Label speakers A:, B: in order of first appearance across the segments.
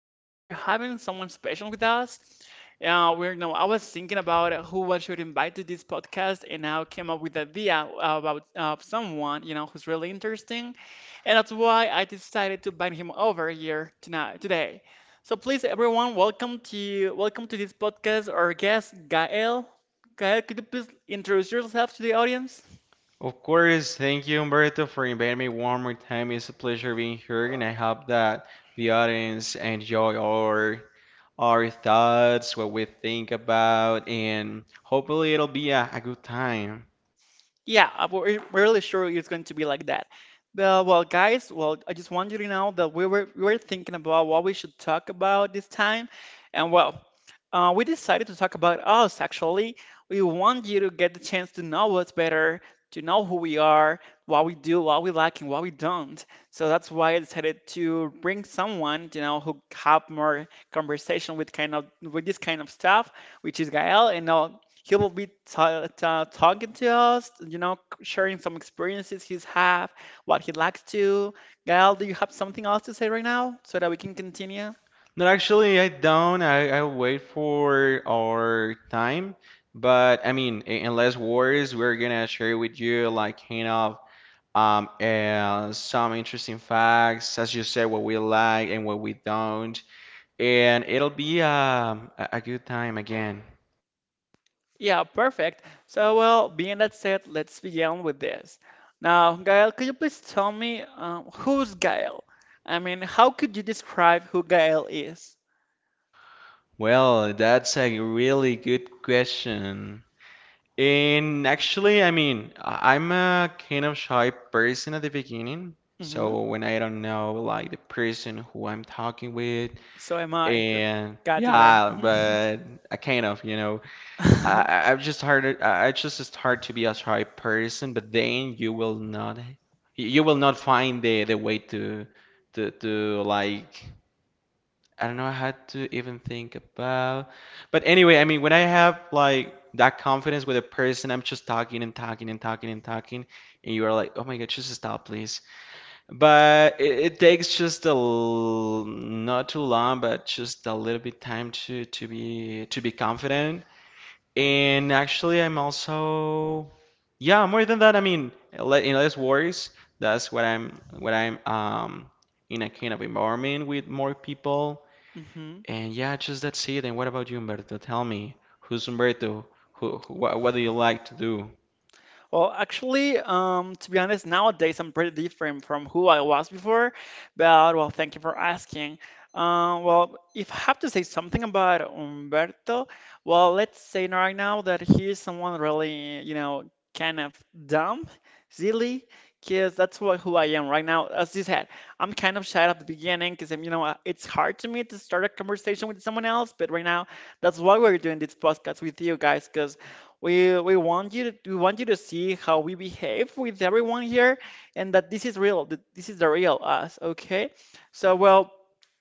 A: Today we're having someone special with us. We're no, I was thinking about who I should invite to this podcast, and I came up with the idea about someone who's really interesting, and that's why I decided to bring him over here tonight today. So please, everyone, welcome to this podcast. Our guest, Gael. Gael, could you please introduce yourself to the audience?
B: Of course, thank you, Humberto, for inviting me one more time. It's a pleasure being here, and I hope that the audience enjoy our thoughts, what we think about, and hopefully it'll be a good time.
A: Yeah, we're really sure it's going to be like that. Well, guys, I just want you to know that we were thinking about what we should talk about this time, and well, we decided to talk about us actually. We want you to get the chance to know us better, to know who we are, what we do, what we like, and what we don't. So that's why I decided to bring someone, who have more conversation with this kind of stuff, which is Gael, and now he will be ta ta talking to us, sharing some experiences he's have, what he likes to. Gael, do you have something else to say right now so that we can continue?
B: No, actually, I don't. I wait for our time, but I mean, in less words, we're gonna share with you like kind of some interesting facts, as you said, what we like and what we don't, and it'll be a good time again.
A: Yeah, perfect. So, well, being that said, let's begin with this. Now, Gael, could you please tell me who's Gael? I mean, how could you describe who Gael is?
B: Well, that's a really good question. And actually, I mean, I'm a kind of shy person at the beginning.
A: Hmm.
B: So when I don't know, like the person who I'm talking with,
A: So am I. That
B: and
A: got you there.
B: yeah, but I kind of, you know,
A: Hmm.
B: I've just started, I just start to be a shy person, but then you will not find the way to to like I don't know. I had to even think about. But anyway, I mean, when I have like that confidence with a person, I'm just talking and talking and talking and talking, and you are like, "Oh my God, just stop, please." But it takes just not too long, but just a little bit time to be confident. And actually, I'm also, yeah, more than that. I mean, in less worries. That's what I'm in a kind of environment with more people,
A: Hmm.
B: and yeah, just that's it. And what about you, Humberto? Tell me, who's Humberto? Who, what do you like to do?
A: Well, actually, to be honest, nowadays I'm pretty different from who I was before, but well, thank you for asking. Well, if I have to say something about Umberto, well, let's say right now that he is someone really, kind of dumb, silly, because that's who I am right now. As you said, I'm kind of shy at the beginning because it's hard to me to start a conversation with someone else, but right now, that's why we're doing this podcast with you guys, because we want you to see how we behave with everyone here, and that this is real. That this is the real us. Okay. So well,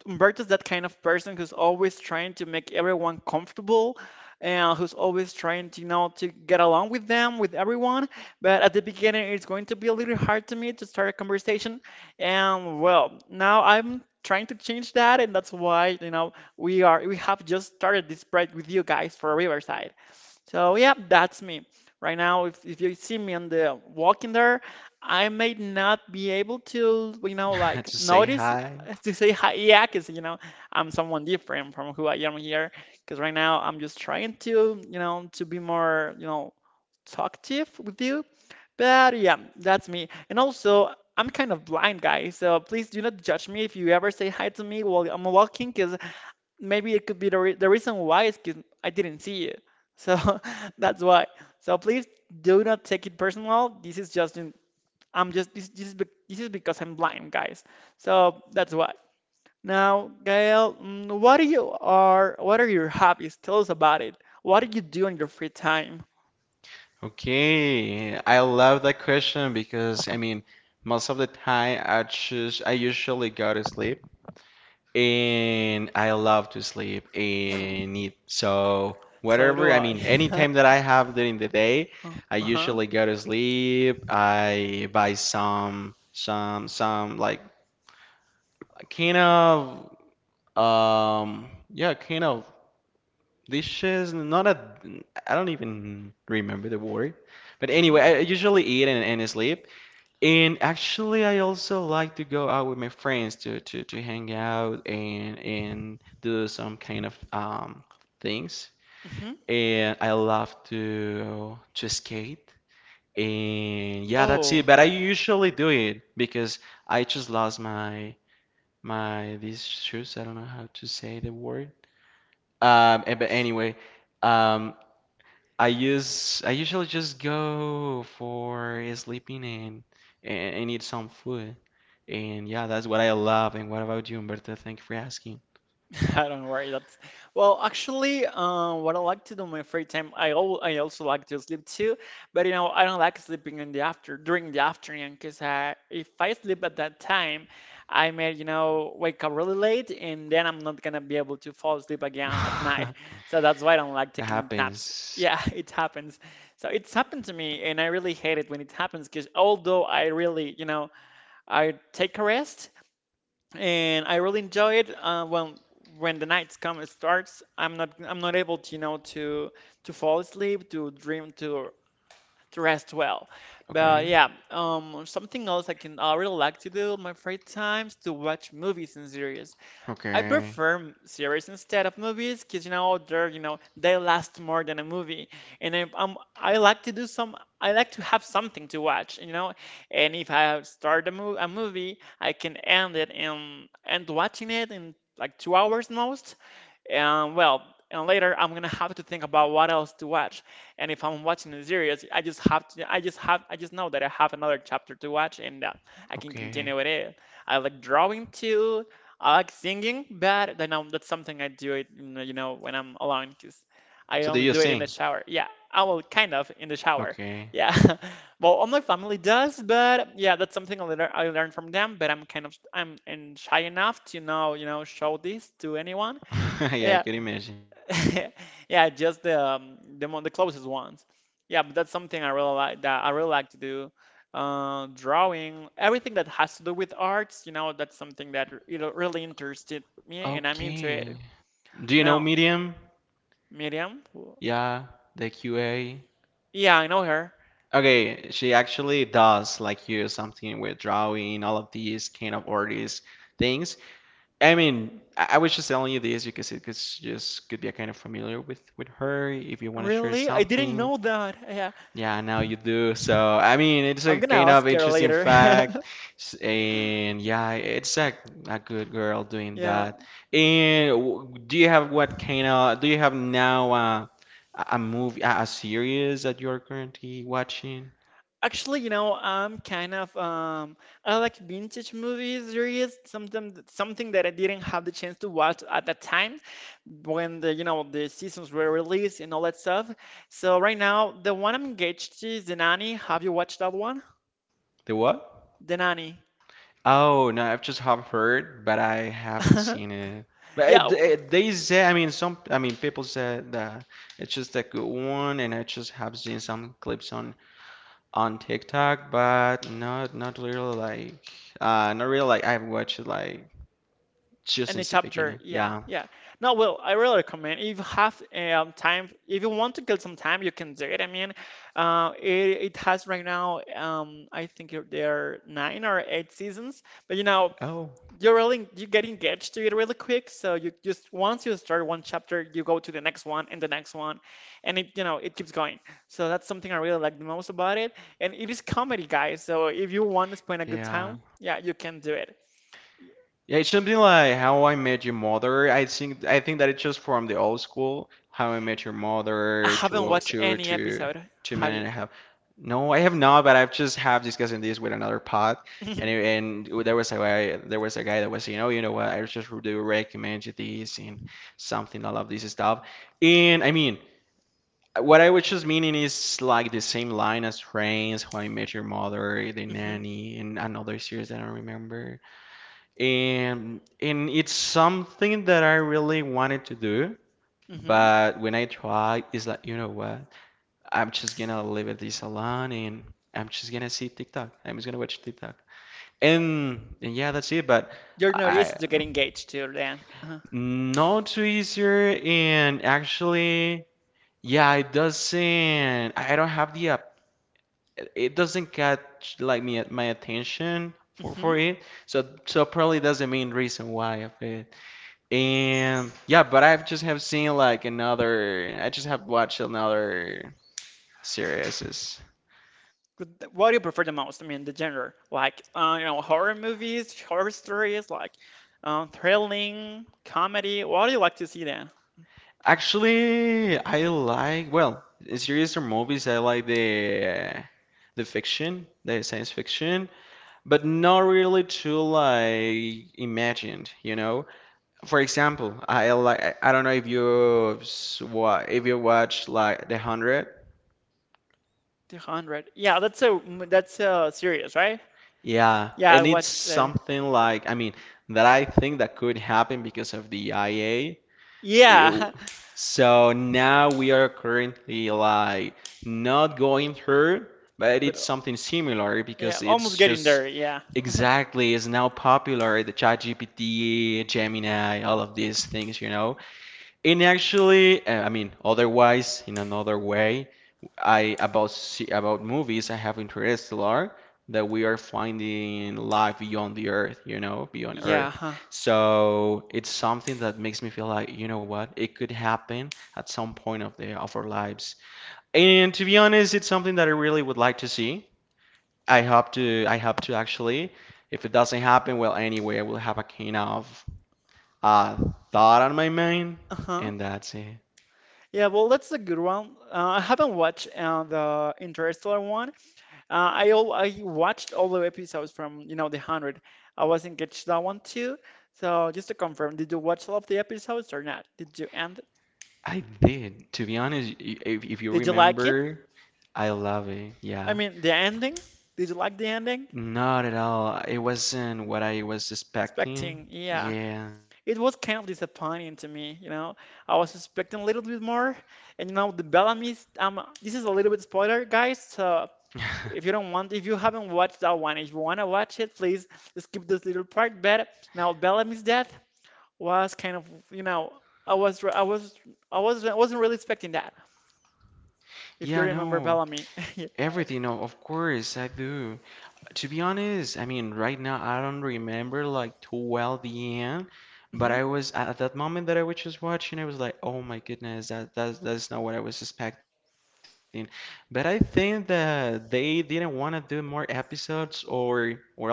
A: Umberto's that kind of person who's always trying to make everyone comfortable, and who's always trying to you know to get along with them, with everyone. But at the beginning, it's going to be a little hard to me to start a conversation. And well, now I'm trying to change that, and that's why we have just started this project with you guys for Riverside. So yeah, that's me. Right now, if you see me on the walking there, I may not be able to, like
B: To say
A: notice
B: hi?
A: to say hi, yeah, because I'm someone different from who I am here. Because right now I'm just trying to, to be more, talkative with you. But yeah, that's me. And also, I'm kind of blind, guys. So please do not judge me if you ever say hi to me while I'm walking, because maybe it could be the reason why is 'cause I didn't see you. So that's why. So please do not take it personal. This is just in, I'm just this this is because I'm blind, guys. So that's why. Now, Gael, what are your hobbies? Tell us about it. What do you do in your free time?
B: Okay, I love that question because I mean, most of the time I choose, I usually go to sleep, and I love to sleep
A: Hmm.
B: and eat. So
A: So do
B: whatever, I
A: I.
B: mean, any time that I have during the day, I
A: Uh-huh.
B: usually go to sleep. I buy some like kind of yeah, kind of dishes. Not a, I don't even remember the word. But anyway,
A: Hmm.
B: I usually eat and sleep. And actually, I also like to go out with my friends to to hang out and do some kind of things.
A: Hmm.
B: And I love to skate. And yeah, that's it.
A: Oh.
B: But I usually do it because I just lost my these shoes. I don't know how to say the word. But anyway, um, I usually just go for sleeping, and eat some food, and yeah, that's what I love. And what about you, Humberto? Thank you for asking.
A: I don't worry. That's well, actually, what I like to do in my free time, I also like to sleep too. But you know, I don't like sleeping in the after during the afternoon because if I sleep at that time, I may wake up really late and then I'm not gonna be able to fall asleep again at night. So that's why I don't like
B: That
A: taking naps.
B: happens.
A: Yeah, it happens. So it's happened to me, and I really hate it when it happens because although I really I take a rest and I really enjoy it. When the nights come and starts, I'm not able to fall asleep, to dream, to rest well. But
B: Okay,
A: yeah, something else I really like to do in my free times to watch movies and series. I
B: okay,
A: prefer series instead of movies because they're they last more than a movie, and I like to have something to watch, and if I start a movie, I can end it and end watching it in like 2 hours most, and well, and later I'm gonna have to think about what else to watch. And if I'm watching a series, I just have to, I just have, I just know that I have another chapter to watch and I can
B: okay.
A: continue with it. I like drawing too. I like singing, but then that's something I do it, when I'm alone because I
B: So do
A: only
B: you
A: do it in the
B: sing?
A: shower. Yeah, I will kind of in the shower.
B: Okay.
A: Yeah, well, all my family does, but yeah, that's something I learned from them. But I'm kind of I'm and shy enough to now, show this to anyone.
B: Yeah, I
A: Yeah.
B: could imagine.
A: Yeah, just the closest ones. Yeah, but that's something I really like to do. Drawing, everything that has to do with arts, that's something that really interested me, and I'm into
B: Okay.
A: it.
B: Do you know
A: Now,
B: Medium?
A: Miriam,
B: Yeah, the QA.
A: yeah, I know her.
B: Okay, she actually does like use something with drawing, all of these kind of artist things. I mean, I was just telling you this because it could just could be a kind of familiar with her if you want to share
A: Really? I didn't
B: something.
A: know that. Yeah,
B: Yeah, now you do. So, I mean, it's a
A: I'm gonna
B: kind
A: ask
B: of
A: her
B: interesting
A: later.
B: fact. And yeah, it's a good girl doing
A: Yeah.
B: that. And do you have what kind of do you have now a movie, a series that you're currently watching?
A: Actually, I'm kind of I like vintage movies series, something that I didn't have the chance to watch at that time when the you know the seasons were released and all that stuff. So right now, the one I'm engaged to is The Nanny. Have you watched that one?
B: The what?
A: The Nanny.
B: Oh, no, I've just have heard, but I haven't seen it. But
A: Yeah,
B: they say, I mean, some, I mean, people said that it's just a good one, and I just have seen some clips on TikTok, but not not really like, not really like I've watched it like just
A: and the
B: since the
A: chapter,
B: beginning.
A: yeah,
B: Yeah.
A: yeah. No, well, I really recommend if you have time, if you want to kill some time, you can do it. I mean, it has right now, I think there are nine or eight seasons, but
B: Oh,
A: you get engaged to it really quick. So you just once you start one chapter, you go to the next one and the next one, and it you know it keeps going. So that's something I really like the most about it, and it is comedy, guys. So if you want to spend a good
B: yeah.
A: time, yeah, you can do it.
B: Yeah, it's something like How I Met Your Mother. I think that it's just from the old school, How I Met Your
A: I
B: Mother,
A: haven't watched any episode.
B: two
A: Have
B: men
A: you?
B: and a half. No, I have not, but I've just have discussing this with another pod, and and there was a guy, there was a guy that was saying, oh, you know what, I just do recommend you this and something, all of this stuff. And I mean, what I was just meaning is like the same line as Friends, How I Met Your Mother, The
A: Hmm.
B: Nanny, and another series that I don't remember. And it's something that I really wanted to do,
A: Hmm.
B: but when I tried, it's like, you know what? I'm just gonna leave it this alone and I'm just gonna see TikTok. I'm just gonna watch TikTok. And yeah, that's it. But
A: You're not
B: I
A: easy to get engaged to, then.
B: not too easier and actually yeah, it doesn't I don't have the app. It doesn't catch like me my attention for
A: Hmm.
B: it. So probably that's the main reason why I. And yeah, but I've just have seen like another. I just have watched another series.
A: What do you prefer the most? I mean, the genre, like horror movies, horror stories, like thrilling, comedy. What do you like to see then?
B: Actually, I like well, in series or movies. I like the fiction, the science fiction, but not really too like imagined. You know, for example, I like. I don't know if you what if you watch like The Hundred.
A: The Hundred. Yeah, that's a series, right?
B: Yeah,
A: Yeah, I
B: and it's
A: watched that.
B: something like, I mean, that I think that could happen because of the IA.
A: Yeah,
B: Ew. So now we are currently like not going through, but
A: but
B: it's something similar
A: yeah,
B: because
A: almost
B: it's
A: getting
B: just
A: there. Yeah,
B: exactly is now popular, the ChatGPT, Gemini, all of these things, you know. And actually, I mean, otherwise, in another way, I about movies, I have Interstellar that we are finding life beyond the Earth, you know, beyond
A: yeah.
B: Earth.
A: Huh.
B: So it's something that makes me feel like, you know what, it could happen at some point of the of our lives. And to be honest, it's something that I really would like to see. I hope to actually. If it doesn't happen, well, anyway, I will have a kind of uh, thought on my mind,
A: Uh-huh.
B: and that's it.
A: Yeah, well, that's a good one. I haven't watched the Interstellar one. I watched all the episodes from, the 100. I was engaged to that one too. So just to confirm, did you watch all of the episodes or not? Did you end?
B: I did. To be honest, if, you
A: Did you like it?
B: remember, I love it.
A: I
B: Yeah.
A: mean, the ending? Did you like the ending?
B: Not at all. It wasn't what I was expecting.
A: Expecting, yeah.
B: Yeah.
A: It was kind of disappointing to me. I was expecting a little bit more. The Bellamy's, this is a little bit spoiler, guys. So If you haven't watched that one, if you want to watch it, please skip this little part. But now Bellamy's death was kind of, you know, I was, I was, I wasn't really expecting that. If you
B: Yeah,
A: remember
B: no.
A: Bellamy, yeah.
B: Everything, no, of course I do. To be honest, I mean, right now I don't remember like too well the end, but
A: Hmm.
B: I was at that moment that I was just watching, I was like, oh my goodness, that's not what I was expecting. But I think that they didn't want to do more episodes or all of these.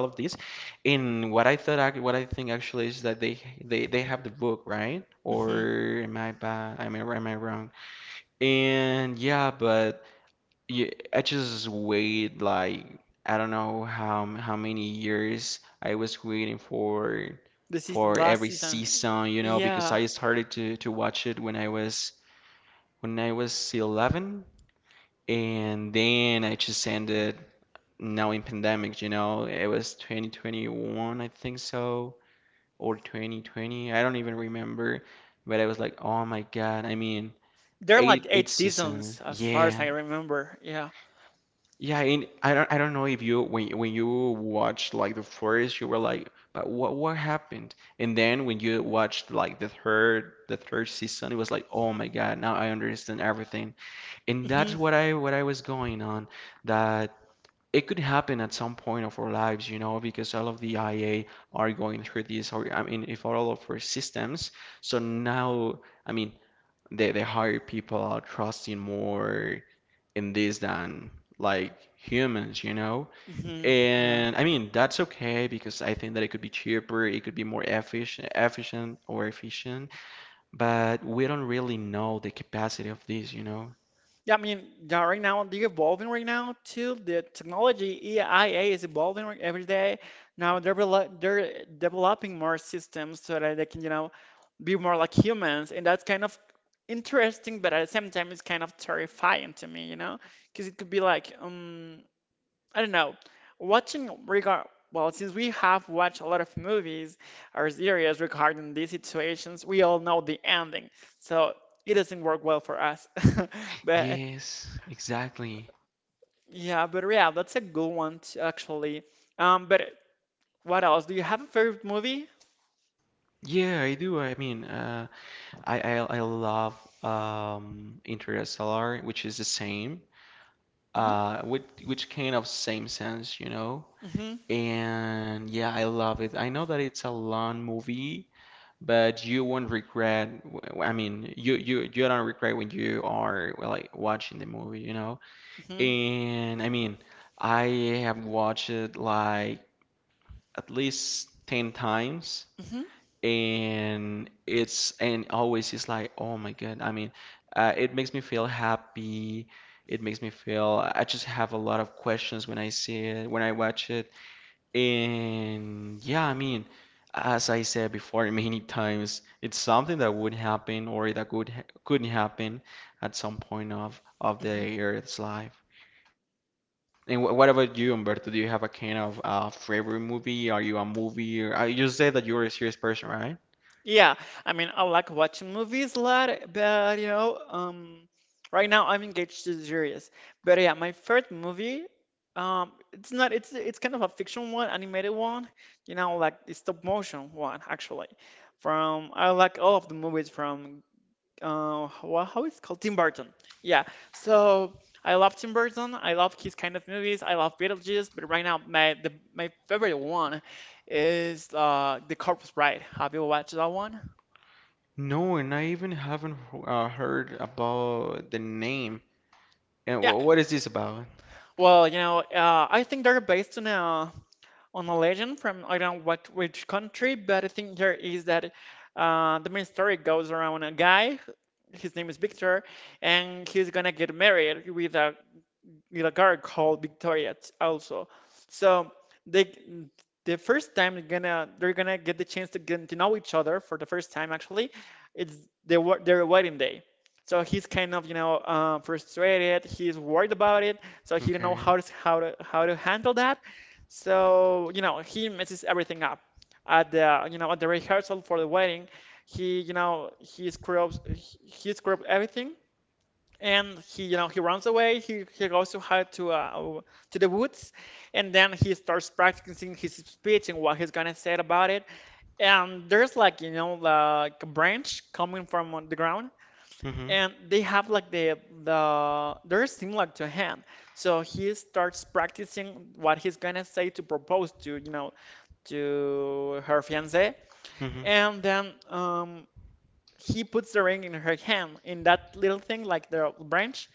B: And what I thought, what I think actually is that they have the book, right?
A: Hmm.
B: Or am I am I wrong? And yeah, but. Yeah, I just wait like I don't know how many years I was waiting for
A: Last
B: every
A: season,
B: season, you know, because
A: yeah,
B: I started to watch it when I was 11, and then I just ended now in pandemic, you know. It was 2021, I think so, or 2020. I don't even remember, but I was like, "Oh my God." I mean,
A: there are like
B: eight
A: eight
B: seasons.
A: seasons as far as
B: Yeah.
A: I remember. Yeah.
B: Yeah, and I don't know if you when you watched like the first you were like, but what happened? And then when you watched like the third season, it was like, oh my God, now I understand everything. And that's
A: Hmm.
B: what I was going on, that it could happen at some point of our lives, you know, because all of the IA are going through this, or I mean, if all of our systems. So now, I mean, they hire people are trusting more in this than like humans, you know?
A: Hmm. Yeah.
B: And I mean, that's okay because I think that it could be cheaper, it could be more efficient, efficient or efficient, but we don't really know the capacity of this, you know?
A: Yeah, I mean, yeah, right now they're evolving right now too. The technology EIA is evolving every day. Now they're developing more systems so that they can, be more like humans, and that's kind of interesting, but at the same time, it's kind of terrifying to me, because it could be like, I don't know, watching regard. Well, since we have watched a lot of movies or series regarding these situations, we all know the ending, so it doesn't work well for us. But
B: Yes, exactly.
A: yeah, that's a good one actually. But what else? Do you have a favorite movie?
B: Yeah, I do. I mean, I love Interstellar, which is the same,
A: Hmm
B: with which kind of same sense, you know?
A: hmm
B: And yeah, I love it. I know that it's a long movie, but you won't regret. I mean, you don't regret when you are well, like watching the movie, you know?
A: hmm
B: And I mean, I have watched it like at least 10 times,
A: hmm
B: and it's and always it's like, oh my God. I mean, it makes me feel happy. It makes me feel I just have a lot of questions when I see it, when I watch it. And yeah, I mean, as I said before many times, it's something that would happen or that could happen at some point of
A: hmm
B: the Earth's life. And wh what about you, Humberto? Do you have a kind of favorite movie? Are you a movie? Or, you said that you're a serious person, right?
A: Yeah, I mean, I like watching movies a lot, but right now I'm engaged to series. But yeah, my favorite movie, it's not, it's kind of a fiction one, animated one, you know, like the stop motion one actually. From I like all of the movies from well, how is it called? Tim Burton. Yeah. So I love Tim Burton. I love his kind of movies. I love Beetlejuice. But right now, my favorite one is The Corpse Bride. Have you watched that one?
B: No, and I even haven't heard about the name. And
A: Yeah.
B: wh what is this about?
A: Well, you know, I think they're based on a legend from I don't know what which country, but I think there is that the main story goes around a guy. His name is Victor, and he's gonna get married with A girl called Victoria also. So they the first time they're gonna get the chance to get to know each other for the first time actually. It's their wedding day. So he's kind of, frustrated. He's worried about it. So he don't know
B: Okay.
A: how to handle that. So, you know, he messes everything up at at the rehearsal for the wedding. He, you know, he screws everything and he you know he runs away he goes to hide to the woods, and then he starts practicing his speech and what he's gonna say about it. And there's like, you know, like a branch coming from the ground,
B: Mm-hmm.
A: and they have like the they're similar to a hand. So he starts practicing what he's gonna say to propose to, you know, to her fiance.
B: Mm-hmm.
A: And then he puts the ring in her hand in that little thing like the branch,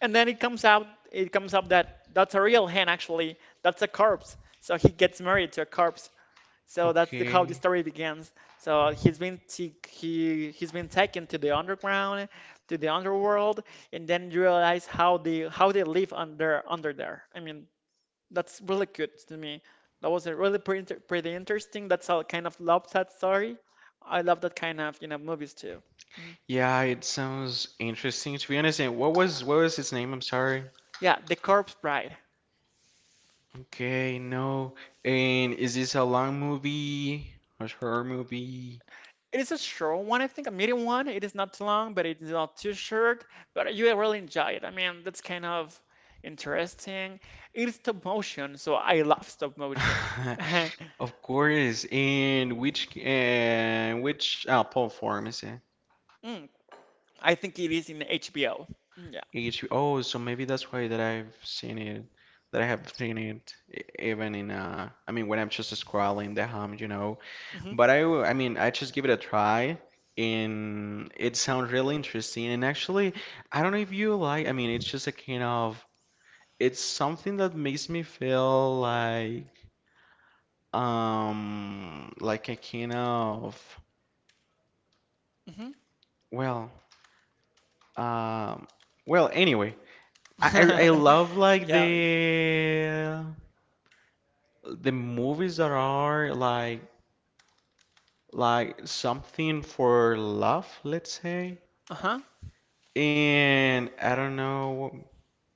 A: and then it comes out, it comes up that that's a real hen actually. That's a corpse. So he gets married to a corpse. So that's how the
B: Okay.
A: story begins. So he's been he's been taken to the underground, to the underworld, and then you realize how they live under there. I mean, that's really good to me. That was a really pretty interesting. That's how I kind of love that story. I love that kind of, you know, movies too. Mhm.
B: Yeah, it sounds interesting to be honest. And what was its name? I'm sorry.
A: Yeah, The Corpse Bride.
B: Okay, no. And is this a long movie? A horror movie?
A: It is a short one, I think, a medium one. It is not too long, but it's not too short. But you will really enjoy it. I mean, that's kind of interesting. It is stop motion, so I love stop motion.
B: Of course. And which platform is it?
A: Mm, I think it is in HBO. Yeah.
B: H B oh, so maybe that's why that I've seen it. That I have seen it even in I mean when I'm just scrolling the hum, you know.
A: hmm
B: But I mean, I just give it a try, and it sounds really interesting. And actually, I don't know if you like. I mean, it's just a kind of. It's something that makes me feel like a kind of.
A: hmm
B: Well, um, well. Anyway, I love like
A: Yeah.
B: the movies that are like something for love, let's say.
A: Uh-huh.
B: And I don't know.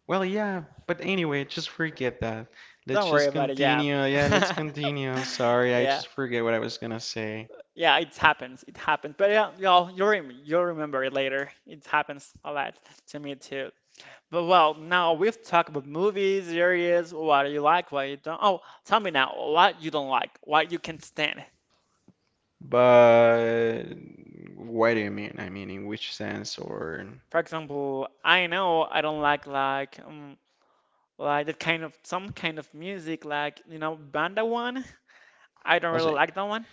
B: Well, yeah, but anyway, just forget that. Let's
A: Don't worry
B: just
A: about it. Yeah.
B: continue. Yeah, let's continue. I'm sorry, I
A: Yeah.
B: just forget what I was gonna say.
A: Yeah, it happens. It happens. But yeah, you'll remember it later. It happens a lot to me too. But well, now we've talked about movies, series, what you like, what you don't. Oh, tell me now, what you don't like, what you can not stand.
B: But what do you mean? I mean, in which sense? Or
A: For example, I know I don't like that kind of, some kind of music, like, you know, banda one. I don't
B: I'll
A: really
B: say,
A: like that one.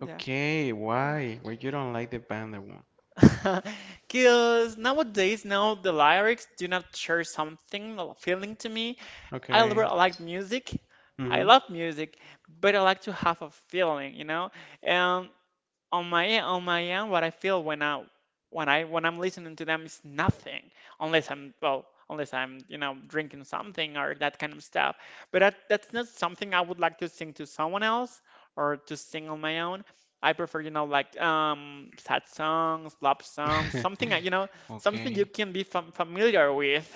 A: Yeah.
B: okay, why? Why you don't like the band that one?
A: Because nowadays, now the lyrics do not share something, a feeling to me.
B: Okay.
A: Really like music. I love music, but I like to have a feeling, you know? And on my end, what I feel when I'm listening to them is nothing, unless I'm, you know, drinking something or that kind of stuff. But that's not something I would like to sing to someone else or to sing on my own. I prefer, you know, like sad songs, love songs,
B: Mm-hmm.
A: something that, you know, something you
B: Okay.
A: can be familiar with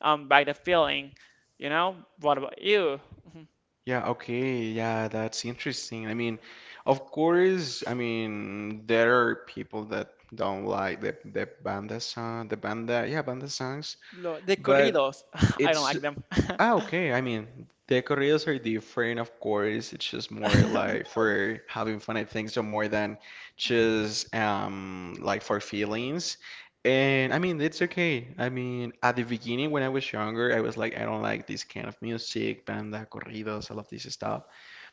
A: by the feeling. You know, what about you? Mhm.
B: Yeah, okay. Yeah, that's interesting. I mean, of course, I mean, there are people that don't like the banda song, the banda, yeah, banda songs.
A: Lo de
B: But
A: corridos. I don't
B: it's
A: like them.
B: ah okay. I mean, the corridos are different, of course. It's just more like for having fun, I think, so more than just like for feelings. And I mean, it's okay. I mean, at the beginning when I was younger, I was like, I don't like this kind of music, banda, corridos, all of this stuff.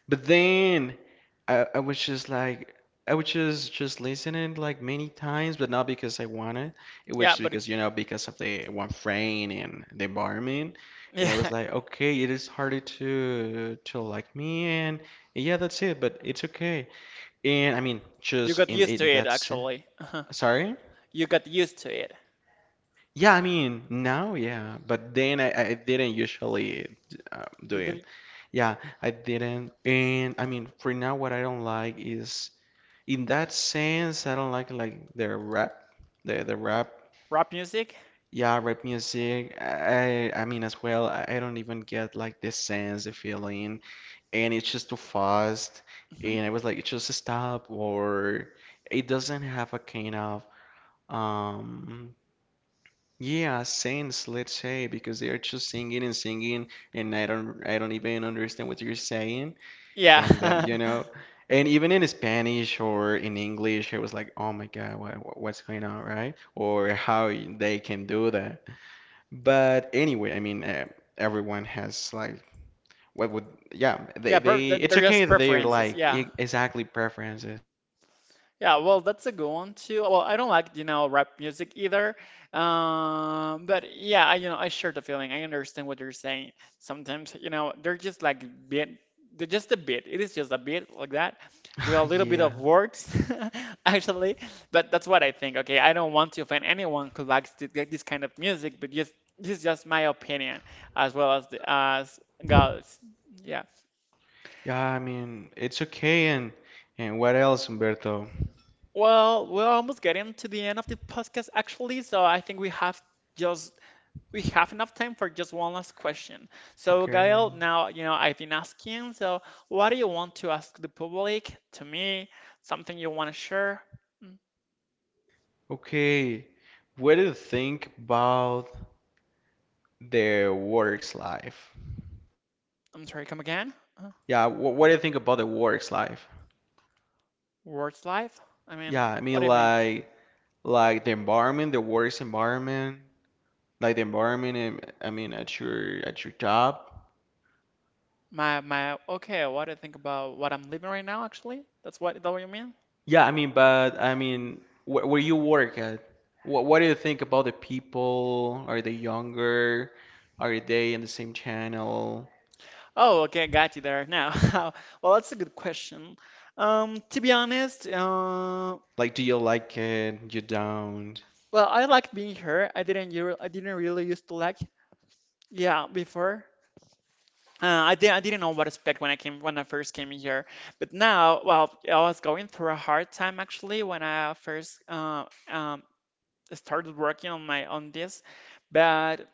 B: But then I was just like I was just listening like many times, but not because I wanted. It was
A: Yeah,
B: just
A: but
B: because, you know, because of the one frame and the environment. And it was
A: yeah,
B: like, okay, it is harder to like me and yeah, that's it, but it's okay. And I mean,
A: You
B: just
A: got
B: in
A: used to
B: it
A: it,
B: that's
A: actually.
B: sorry?
A: You got used to it.
B: Yeah, I mean, now, yeah, but then I didn't usually do
A: Did
B: it.
A: the
B: Yeah, I didn't. And I mean, for now, what I don't like is in that sense, I don't like the rap, the rap.
A: rap music?
B: Yeah, rap music. I mean as well. I don't even get like the sense, the feeling, and it's just too fast.
A: Hmm
B: And I was like, just stop, or it doesn't have a kind of um yeah sense, let's say, because they are just singing and singing, and I don't even understand what you're saying and that you
A: Yeah.
B: know and even in spanish or in english it was like oh my god what, what's going on right or how they can do that but anyway I mean everyone has like what would yeah they
A: Yeah,
B: they it's
A: they're
B: okay
A: just
B: that they're
A: preferences.
B: like
A: Yeah.
B: exactly preferences.
A: Yeah, well, that's a good one too. Well, I don't like, you know, rap music either. But yeah, I, you know, I share the feeling. I understand what you're saying. Sometimes, you know, they're just bit, they're just a bit. It is just a bit like that, with a little bit
B: Yeah,
A: of words, actually. But that's what I think. Okay, I don't want to offend anyone who likes to, like this kind of music, but just this is just my opinion as well as the as God's. Yeah.
B: yeah, I mean it's okay. And what else, Umberto?
A: Well, we're almost getting to the end of the podcast actually, so I think we have just we have enough time for just one last question. So,
B: Okay.
A: Gael, now, you know, I've been asking, so what do you want to ask the public, to me, something you want to share? Mm,
B: Okay, what do you think about the work's life?
A: I'm sorry, come again? Uh,
B: Yeah, what do you think about the work's life?
A: words life? I mean,
B: Yeah, I
A: what
B: mean
A: do you mean?
B: like the environment, the work's environment, like the environment and I mean at your job.
A: My okay, what do you think about what I'm living right now actually? That what you mean?
B: Yeah, I mean but I mean wh where you work at, what do you think about the people? Are they younger? Are they in the same channel?
A: Oh, okay, got you there now. Well, that's a good question. To be honest,
B: Like do you like it? You don't?
A: well, I like being here. I didn't really used to like yeah before. I didn't know what to expect when I first came here. But now, well, I was going through a hard time actually when I first started working on this. But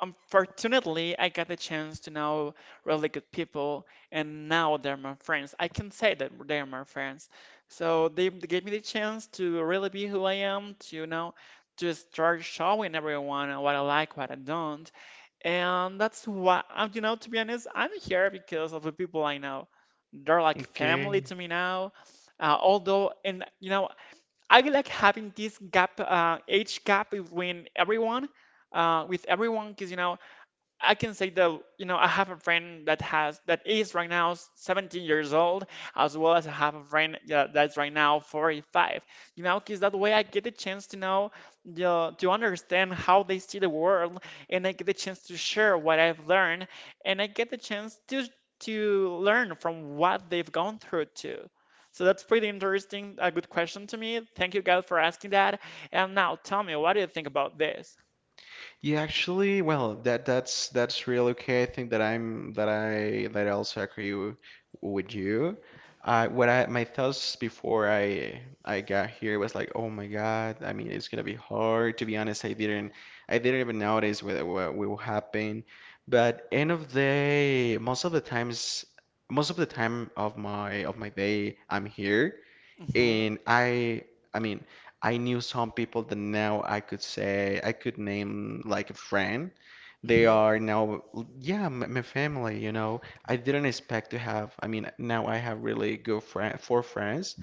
A: unfortunately, I got the chance to know really good people, and now they're my friends. I can say that they're my friends. So they gave me the chance to really be who I am, to, you know, to start showing everyone what I like, what I don't. And that's why, you know, to be honest, I'm here because of the people I know. They're like family
B: Okay.
A: to me now. And you know, I like having this gap, age gap between everyone, with everyone, because you know, I can say that, you know, I have a friend that is right now 17 years old, as well as I have a friend, yeah, that's right now 45. You know, because that way I get the chance to know to understand how they see the world, and I get the chance to share what I've learned, and I get the chance to learn from what they've gone through too. So that's pretty interesting, a good question to me. Thank you, God, for asking that. And now tell me, what do you think about this?
B: Yeah, actually, well, that that's real okay. I think that I'm that I also agree with you. I what I my thoughts before I got here was like, oh my God, I mean, it's gonna be hard. To be honest, I didn't even notice what will happen. But end of the day, most of the times, most of the time of my day, I'm here.
A: Hmm
B: And I mean, I knew some people that now I could say, I could name like a friend. They
A: hmm
B: are now, yeah, my family, you know. I didn't expect to have, I mean, now I have really good friend, four friends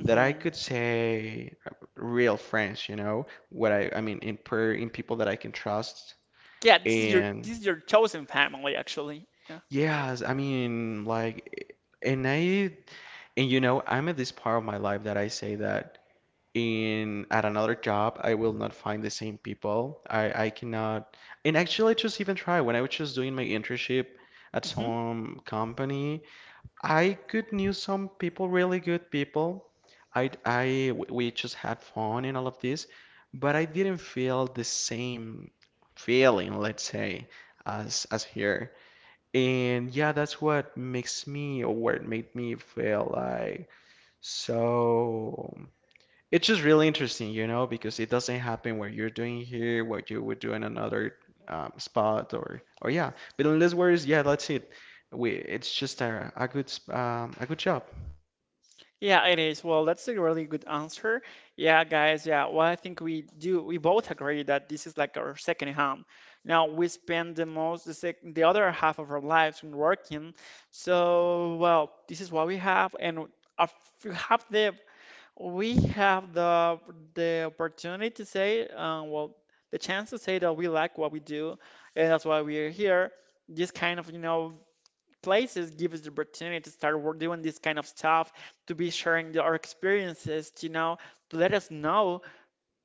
B: that I could say real friends, you know, what I mean, in per, in people that I can trust.
A: Yeah,
B: And
A: this is your chosen family, actually. Yeah.
B: yes, I mean, like, and I, and you know, I'm at this part of my life that I say that. In at another job I will not find the same people, I cannot, and actually I just even try when I was just doing my internship at
A: hmm
B: some company. I could knew some people, really good people. I we just had fun and all of this, but I didn't feel the same feeling, let's say, as here. And yeah, that's what makes me or what made me feel like so. It's just really interesting, you know, because it doesn't happen what you're doing here, what you would do in another spot, or yeah. But in this words, yeah, that's it. We it's just a good a good job.
A: Yeah, it is. Well, that's a really good answer. Yeah, guys. Yeah. Well, I think we do. We both agree that this is like our second home. Now we spend the most the sec the other half of our lives in working. So, well, this is what we have, and if we have the we have the opportunity to say, well, the chance to say that we like what we do, and that's why we are here. This kind of, you know, places give us the opportunity to start work doing this kind of stuff, to be sharing our experiences, to, you know, to let us know,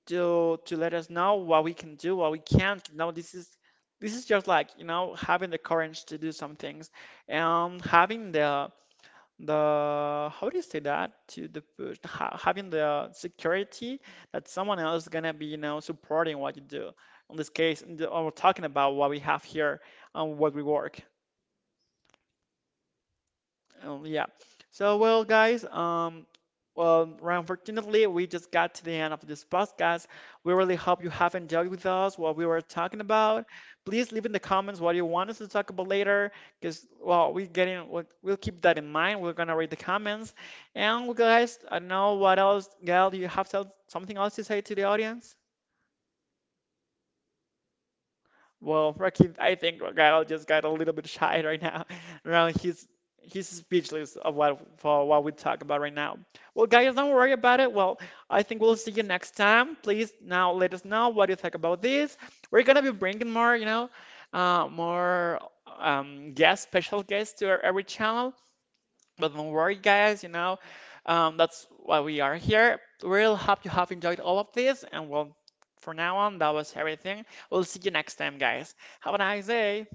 A: to let us know what we can do, what we can't. You know, this is just like, you know, having the courage to do some things, and having the how do you say that to the push having the security that someone else is gonna be, you know, supporting what you do. In this case, we're talking about what we have here and what we work. Um, yeah. So, well, guys, well, unfortunately, we just got to the end of this podcast. We really hope you have enjoyed with us what we were talking about. Please leave in the comments what you want us to talk about later, because well, we'll keep that in mind. We're gonna read the comments, and well, guys, I don't know what else. Gail, do you have something else to say to the audience? Well, Rakim, I think Kyle just got a little bit shy right now. Now he's speechless of what for what we talk about right now. Well, guys, don't worry about it. Well, I think we'll see you next time. Please now let us know what you think about this. We're gonna be bringing more, you know, more guest, special guests to our every channel. But don't worry, guys, you know, that's why we are here. We really hope you have enjoyed all of this. And well, for now on, that was everything. We'll see you next time, guys. Have a nice day.